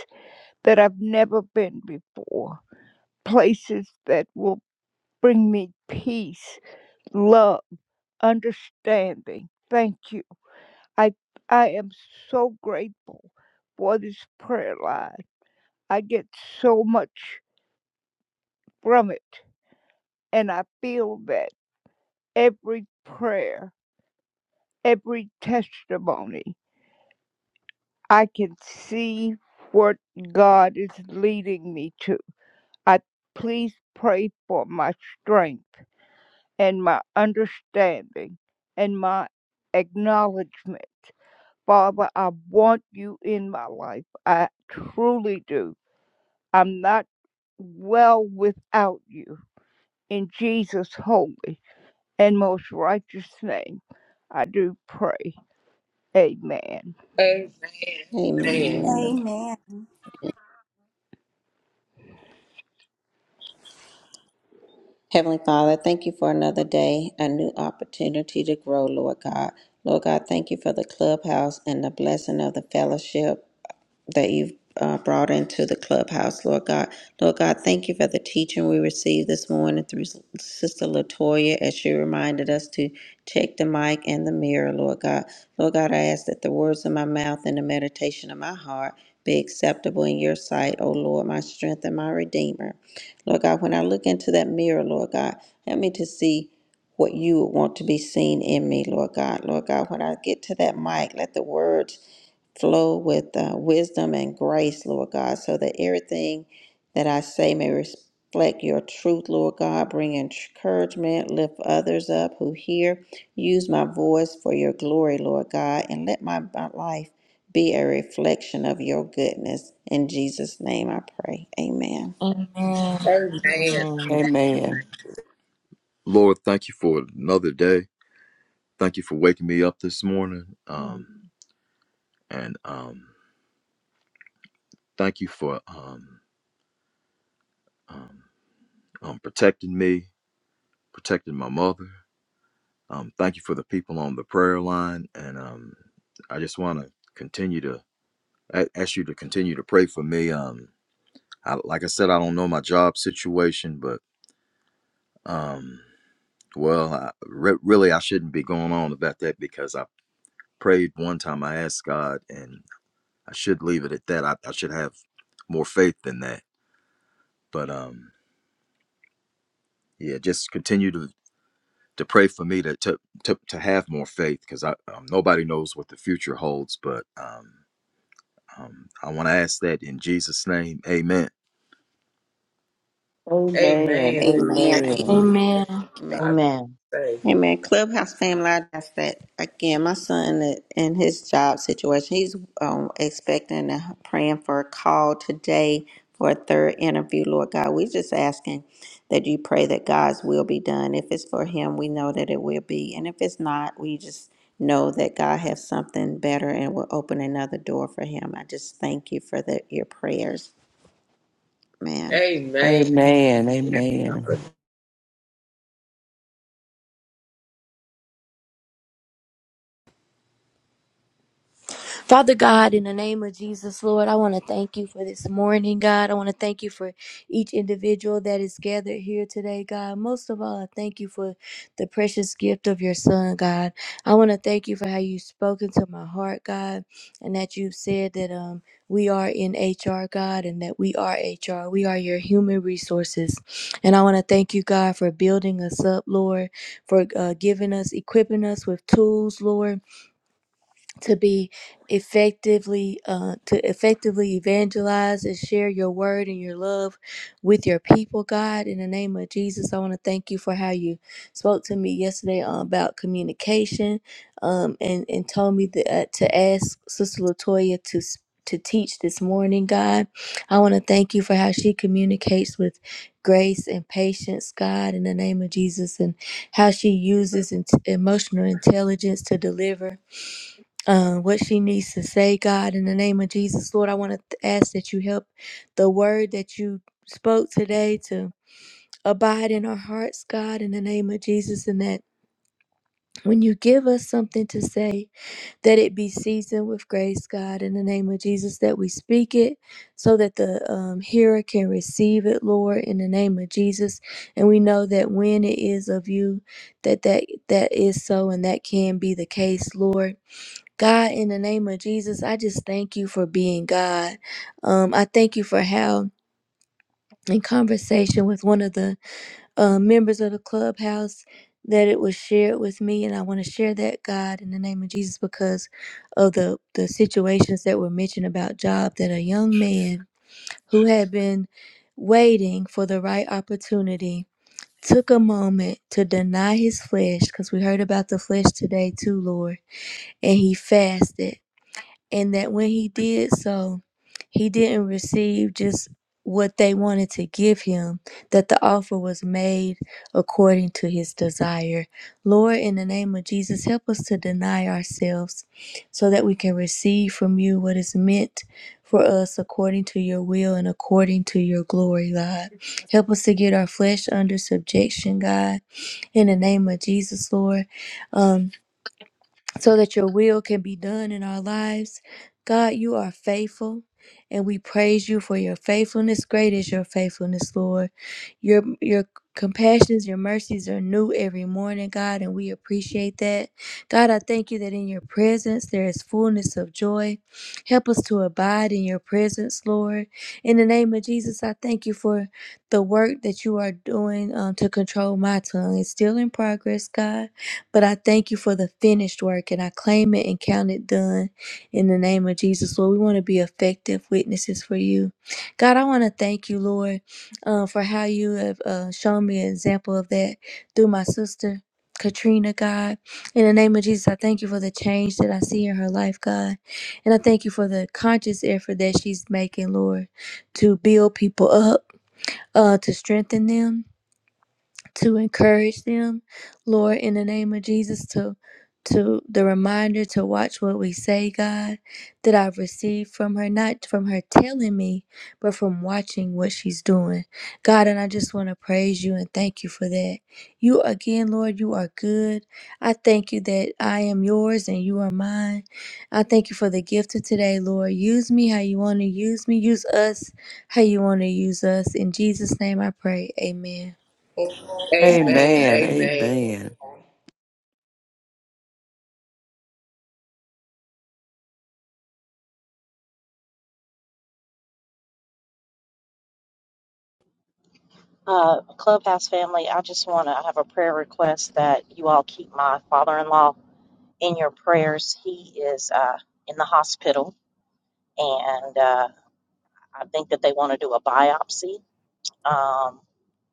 S8: that I've never been before, places that will bring me peace, love, understanding. Thank you. I I am so grateful for this prayer line. I get so much from it, and I feel that every prayer, every testimony, I can see what God is leading me to. I please pray for my strength. and my understanding and my acknowledgement. Father, I want you in my life. I truly do. I'm not well without you. In Jesus' holy and most righteous name, I do pray. Amen.
S3: Amen. Amen.
S6: Amen.
S2: Amen.
S6: Heavenly Father, thank you for another day, a new opportunity to grow, Lord God. Lord God, thank you for the clubhouse and the blessing of the fellowship. that you've uh, brought into the clubhouse, Lord God. Lord God, thank you for the teaching we received this morning through Sister Latoya as she reminded us to check the mic and the mirror, Lord God. Lord God, I ask that the words of my mouth and the meditation of my heart be acceptable in your sight, O Lord, my strength and my redeemer. Lord God, when I look into that mirror, Lord God, help me to see what you would want to be seen in me, Lord God. Lord God, when I get to that mic, let the words flow with uh, wisdom and grace, Lord God, so that everything that I say may reflect your truth, Lord God. Bring encouragement, lift others up who hear. Use my voice for your glory, Lord God, and let my, my life be a reflection of your goodness. In Jesus' name I pray. Amen.
S1: Amen.
S3: Amen.
S4: Amen.
S7: Amen.
S8: Lord, thank you for another day. Thank you for waking me up this morning. Um, and um, thank you for um, um, um, protecting me, protecting my mother. Um, thank you for the people on the prayer line, and um, I just want to continue to a- ask you to continue to pray for me. Um, I, like I said, I don't know my job situation, but um, well, I, re- really, I shouldn't be going on about that because I prayed one time. I asked God, and I should leave it at that. I, I should have more faith than that. But um, yeah, just continue to to pray for me to to to, to have more faith because I um, nobody knows what the future holds, but um. Um, I want to ask that in Jesus' name. Amen.
S3: Amen.
S7: Amen.
S3: Amen.
S6: Amen.
S3: Amen.
S7: Amen.
S6: Amen.
S1: Amen.
S6: Amen.
S3: God
S4: Amen.
S3: save.
S6: Hey man, Clubhouse family, I just that again. My son uh, in his job situation, he's um, expecting and praying for a call today for a third interview. Lord God, we're just asking that you pray that God's will be done. If it's for him, we know that it will be, and if it's not, we just know that God has something better and will open another door for him. I just thank you for the, your prayers, man.
S3: Amen.
S7: Amen. Amen.
S1: Father God, in the name of Jesus, Lord, I want to thank you for this morning, God. I want to thank you for each individual that is gathered here today, God. Most of all, I thank you for the precious gift of your son, God. I want to thank you for how you've spoken to my heart, God, and that you've said that um we are in HR, God, and that we are HR. We are your human resources. And I want to thank you, God, for building us up, Lord, for uh, giving us, equipping us with tools, Lord to be effectively uh, to effectively evangelize and share your word and your love with your people god in the name of jesus i want to thank you for how you spoke to me yesterday uh, about communication um, and and told me that, uh, to ask sister latoya to s- to teach this morning god i want to thank you for how she communicates with grace and patience god in the name of jesus and how she uses int- emotional intelligence to deliver uh, what she needs to say, God, in the name of Jesus, Lord, I want to ask that you help the word that you spoke today to abide in our hearts, God, in the name of Jesus, and that when you give us something to say, that it be seasoned with grace, God, in the name of Jesus, that we speak it so that the um, hearer can receive it, Lord, in the name of Jesus. And we know that when it is of you, that that, that is so and that can be the case, Lord. God, in the name of Jesus, I just thank you for being God. Um, I thank you for how, in conversation with one of the uh, members of the clubhouse, that it was shared with me, and I want to share that God in the name of Jesus because of the the situations that were mentioned about job that a young man who had been waiting for the right opportunity took a moment to deny his flesh because we heard about the flesh today too, Lord, and he fasted and that when he did so, he didn't receive just what they wanted to give him, that the offer was made according to his desire. Lord, in the name of Jesus, help us to deny ourselves so that we can receive from you what is meant for us according to your will and according to your glory, God. Help us to get our flesh under subjection, God, in the name of Jesus, Lord. Um, so that your will can be done in our lives. God, you are faithful, and we praise you for your faithfulness. Great is your faithfulness, Lord. Your your compassions, your mercies are new every morning, God, and we appreciate that. God, I thank you that in your presence there is fullness of joy. Help us to abide in your presence, Lord. In the name of Jesus, I thank you for the work that you are doing um, to control my tongue. It's still in progress, God. But I thank you for the finished work and I claim it and count it done in the name of Jesus. Lord, we want to be effective witnesses for you. God, I want to thank you, Lord, uh, for how you have uh, shown me an example of that through my sister. Katrina, God, in the name of Jesus, I thank you for the change that I see in her life, God. And I thank you for the conscious effort that she's making, Lord, to build people up, uh, to strengthen them to encourage them, Lord, in the name of Jesus, to to the reminder to watch what we say, God, that I've received from her, not from her telling me, but from watching what she's doing. God, and I just want to praise you and thank you for that. You again, Lord, you are good. I thank you that I am yours and you are mine. I thank you for the gift of today, Lord. Use me how you want to use me. Use us how you want to use us. In Jesus' name I pray. Amen.
S3: Amen. Amen.
S7: Amen.
S3: Amen.
S7: Amen.
S4: Uh, Clubhouse family, I just want to have a prayer request that you all keep my father in law in your prayers. He is uh, in the hospital, and uh, I think that they want to do a biopsy um,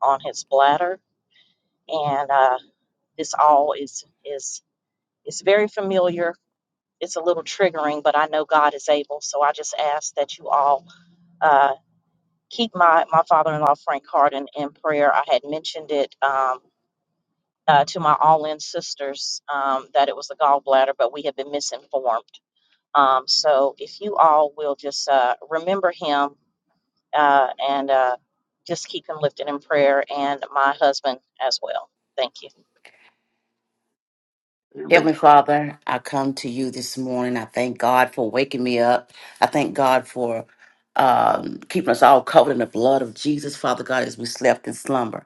S4: on his bladder. And uh, this all is, is, is very familiar. It's a little triggering, but I know God is able. So I just ask that you all uh, keep my, my father in law, Frank Harden, in prayer. I had mentioned it. Um, uh, to my all in sisters um, that it was the gallbladder, but we have been misinformed. Um, so if you all will just uh, remember him uh, and uh, just keep him lifted in prayer and my husband as well. Thank you.
S5: Amen.
S9: Heavenly Father, I come to you this morning. I thank God for waking me up. I thank God for um, keeping us all covered in the blood of Jesus, Father God, as we slept in slumber.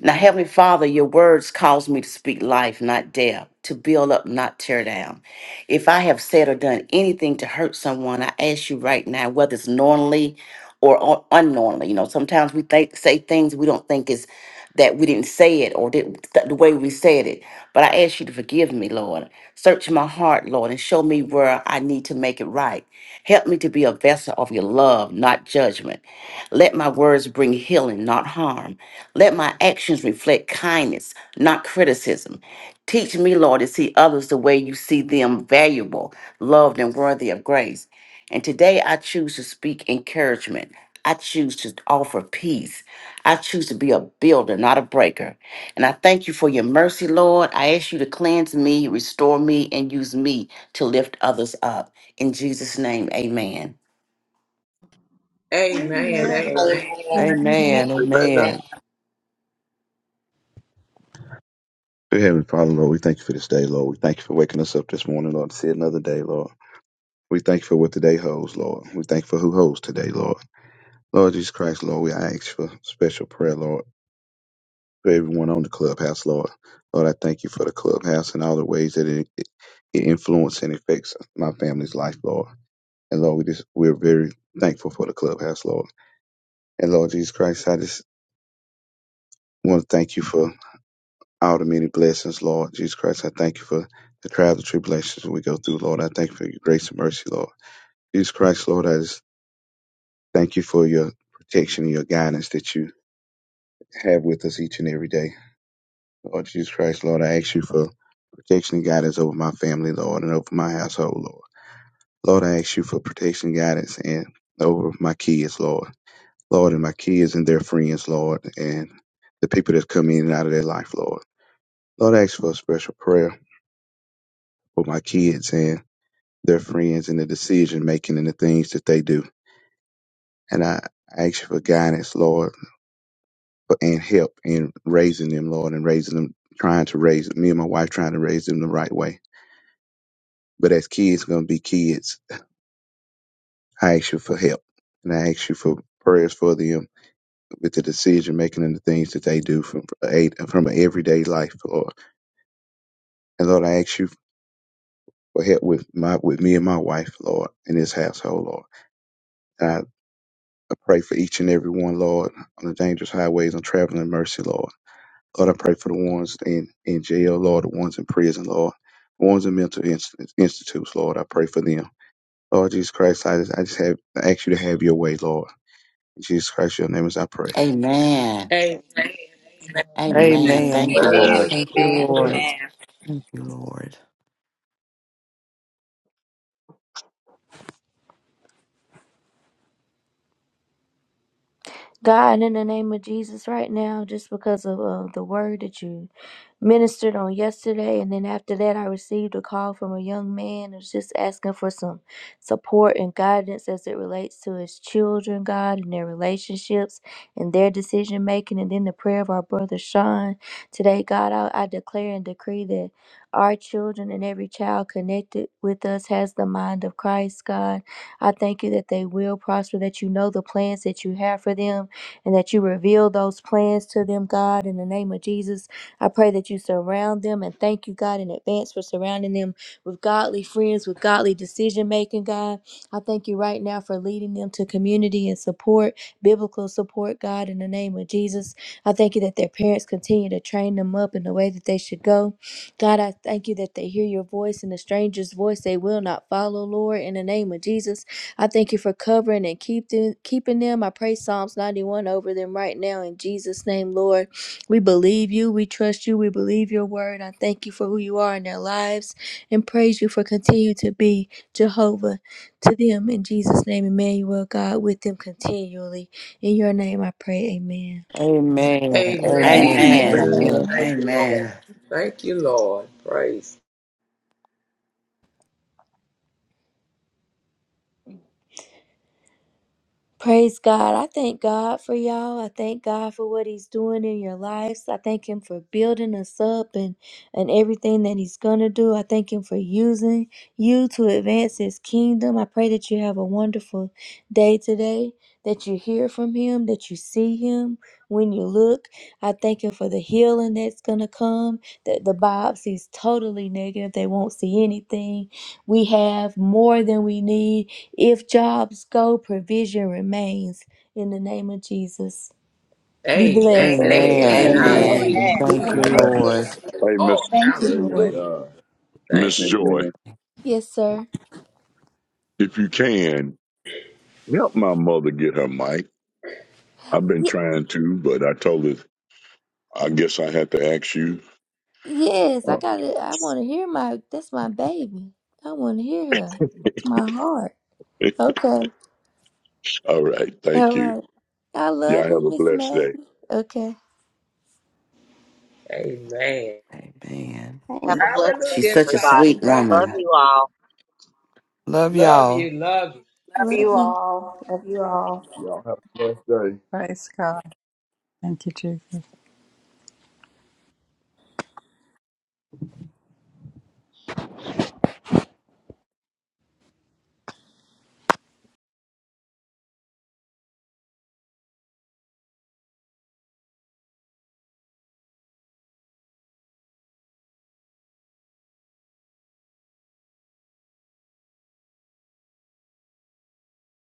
S9: Now, Heavenly Father, your words cause me to speak life, not death, to build up, not tear down. If I have said or done anything to hurt someone, I ask you right now, whether it's knowingly or un- unknowingly. You know, sometimes we think, say things we don't think is that we didn't say it or did, the way we said it. But I ask you to forgive me, Lord. Search my heart, Lord, and Show me where I need to make it right. Help me to be a vessel of your love, not judgment. Let my words bring healing, not harm. Let my actions reflect kindness, not criticism. Teach me, Lord, to see others the way you see them valuable, loved, and worthy of grace. And today I choose to speak encouragement. I choose to offer peace. I choose to be a builder, not a breaker. And I thank you for your mercy, Lord. I ask you to cleanse me, restore me, and use me to lift others up. In Jesus' name, amen.
S3: Amen.
S5: Amen.
S2: Amen.
S3: Amen.
S6: Amen.
S7: Amen. Amen.
S10: Dear Heavenly Father, Lord, we thank you for this day, Lord. We thank you for waking us up this morning, Lord, to see another day, Lord. We thank you for what today holds, Lord. We thank you for who holds today, Lord. Lord Jesus Christ, Lord, we ask for special prayer, Lord, for everyone on the clubhouse, Lord. Lord, I thank you for the clubhouse and all the ways that it, it influences and affects my family's life, Lord. And Lord, we just we're very thankful for the clubhouse, Lord. And Lord Jesus Christ, I just want to thank you for all the many blessings, Lord Jesus Christ. I thank you for the trials and tribulations we go through, Lord. I thank you for your grace and mercy, Lord. Jesus Christ, Lord, I just thank you for your protection and your guidance that you have with us each and every day. Lord Jesus Christ, Lord, I ask you for protection and guidance over my family, Lord, and over my household, Lord. Lord, I ask you for protection and guidance and over my kids, Lord. Lord, and my kids and their friends, Lord, and the people that come in and out of their life, Lord. Lord, I ask for a special prayer for my kids and their friends and the decision making and the things that they do. And I ask you for guidance, Lord, and help in raising them, Lord, and raising them, trying to raise me and my wife, trying to raise them the right way. But as kids, going to be kids. I ask you for help, and I ask you for prayers for them with the decision making and the things that they do from a from an everyday life, Lord. And Lord, I ask you for help with my with me and my wife, Lord, in this household, Lord. I pray for each and every one, Lord, on the dangerous highways on traveling in mercy, Lord. Lord, I pray for the ones in, in jail, Lord, the ones in prison, Lord, the ones in mental inst- institutes, Lord. I pray for them. Lord Jesus Christ, I just, I just have I ask you to have your way, Lord. In Jesus Christ, your name is I pray.
S9: Amen.
S3: Amen. Thank
S9: Amen.
S2: Amen.
S3: you,
S7: Amen.
S9: Thank you,
S3: Lord.
S9: Lord.
S7: Thank you,
S6: Amen.
S7: Lord.
S6: Amen.
S7: Thank you, Lord.
S1: God, in the name of Jesus, right now, just because of uh, the word that you ministered on yesterday. And then after that, I received a call from a young man who's just asking for some support and guidance as it relates to his children, God, and their relationships and their decision making. And then the prayer of our brother Sean today, God, I, I declare and decree that our children and every child connected with us has the mind of Christ, God. I thank you that they will prosper, that you know the plans that you have for them and that you reveal those plans to them, God, in the name of Jesus. I pray that you surround them and thank you, God, in advance for surrounding them with godly friends, with godly decision making, God. I thank you right now for leading them to community and support, biblical support, God, in the name of Jesus. I thank you that their parents continue to train them up in the way that they should go. God, I thank you that they hear your voice and the stranger's voice they will not follow, Lord, in the name of Jesus. I thank you for covering and keep them, keeping them. I pray Psalms 91 over them right now in Jesus' name, Lord. We believe you. We trust you. We believe your word. I thank you for who you are in their lives and praise you for continue to be Jehovah to them in Jesus' name, Emmanuel, God, with them continually. In your name I pray, amen.
S7: Amen.
S3: Amen.
S4: Amen.
S7: Amen.
S3: Amen.
S9: Amen.
S2: Amen.
S7: Amen.
S3: Thank you, Lord.
S9: Amen.
S3: Thank you, Lord. Praise.
S1: Praise God. I thank God for y'all. I thank God for what He's doing in your lives. I thank Him for building us up and, and everything that He's going to do. I thank Him for using you to advance His kingdom. I pray that you have a wonderful day today, that you hear from Him, that you see Him when you look. I thank Him for the healing that's going to come, that the biopsy is totally negative. They won't see anything. We have more than we need. If jobs go, provision remains. In the name of Jesus, be
S3: Amen.
S1: blessed.
S5: Amen.
S7: Amen.
S3: Amen. I
S5: Amen.
S4: Amen.
S9: Amen.
S3: agree in
S7: Amen. Thank
S3: Jesus'
S2: Amen.
S7: you,
S4: Hey,
S3: name.
S11: Amen.
S7: Lord.
S3: Thank you,
S5: Hey, Miss
S3: Lord.
S2: Thank you.
S11: Praise
S3: Hallelujah.
S11: God.
S3: Thank
S10: Amen.
S5: Miss
S3: you.
S5: Joy,
S10: Amen.
S1: Yes, sir.
S5: if you can help my mother get her mic. I've been
S1: Ye-
S5: trying to, but I told her I guess I had to ask you.
S1: yes, I
S5: Uh,
S1: got to I want to hear my. That's my baby. I want to hear her. It's my heart. Okay.
S5: All right. Thank
S1: All
S5: you.
S1: right. I
S5: Y'all
S1: love
S5: have
S1: you,
S5: a
S1: Miss
S5: blessed day.
S1: Maggie. Okay.
S3: Amen.
S7: Amen.
S6: Amen.
S4: have a blessed
S3: Hallelujah.
S9: She's
S4: day,
S9: such a
S3: Everybody have a
S4: everybody.
S9: sweet
S3: great
S9: woman.
S4: Love
S3: day.
S4: you all.
S7: Love
S3: Love
S7: y'all.
S3: you, love
S6: Love
S1: Love
S6: you
S1: you.
S6: all. Love you all.
S11: Y'all have a blessed day.
S12: Praise God. Thank you, Jesus.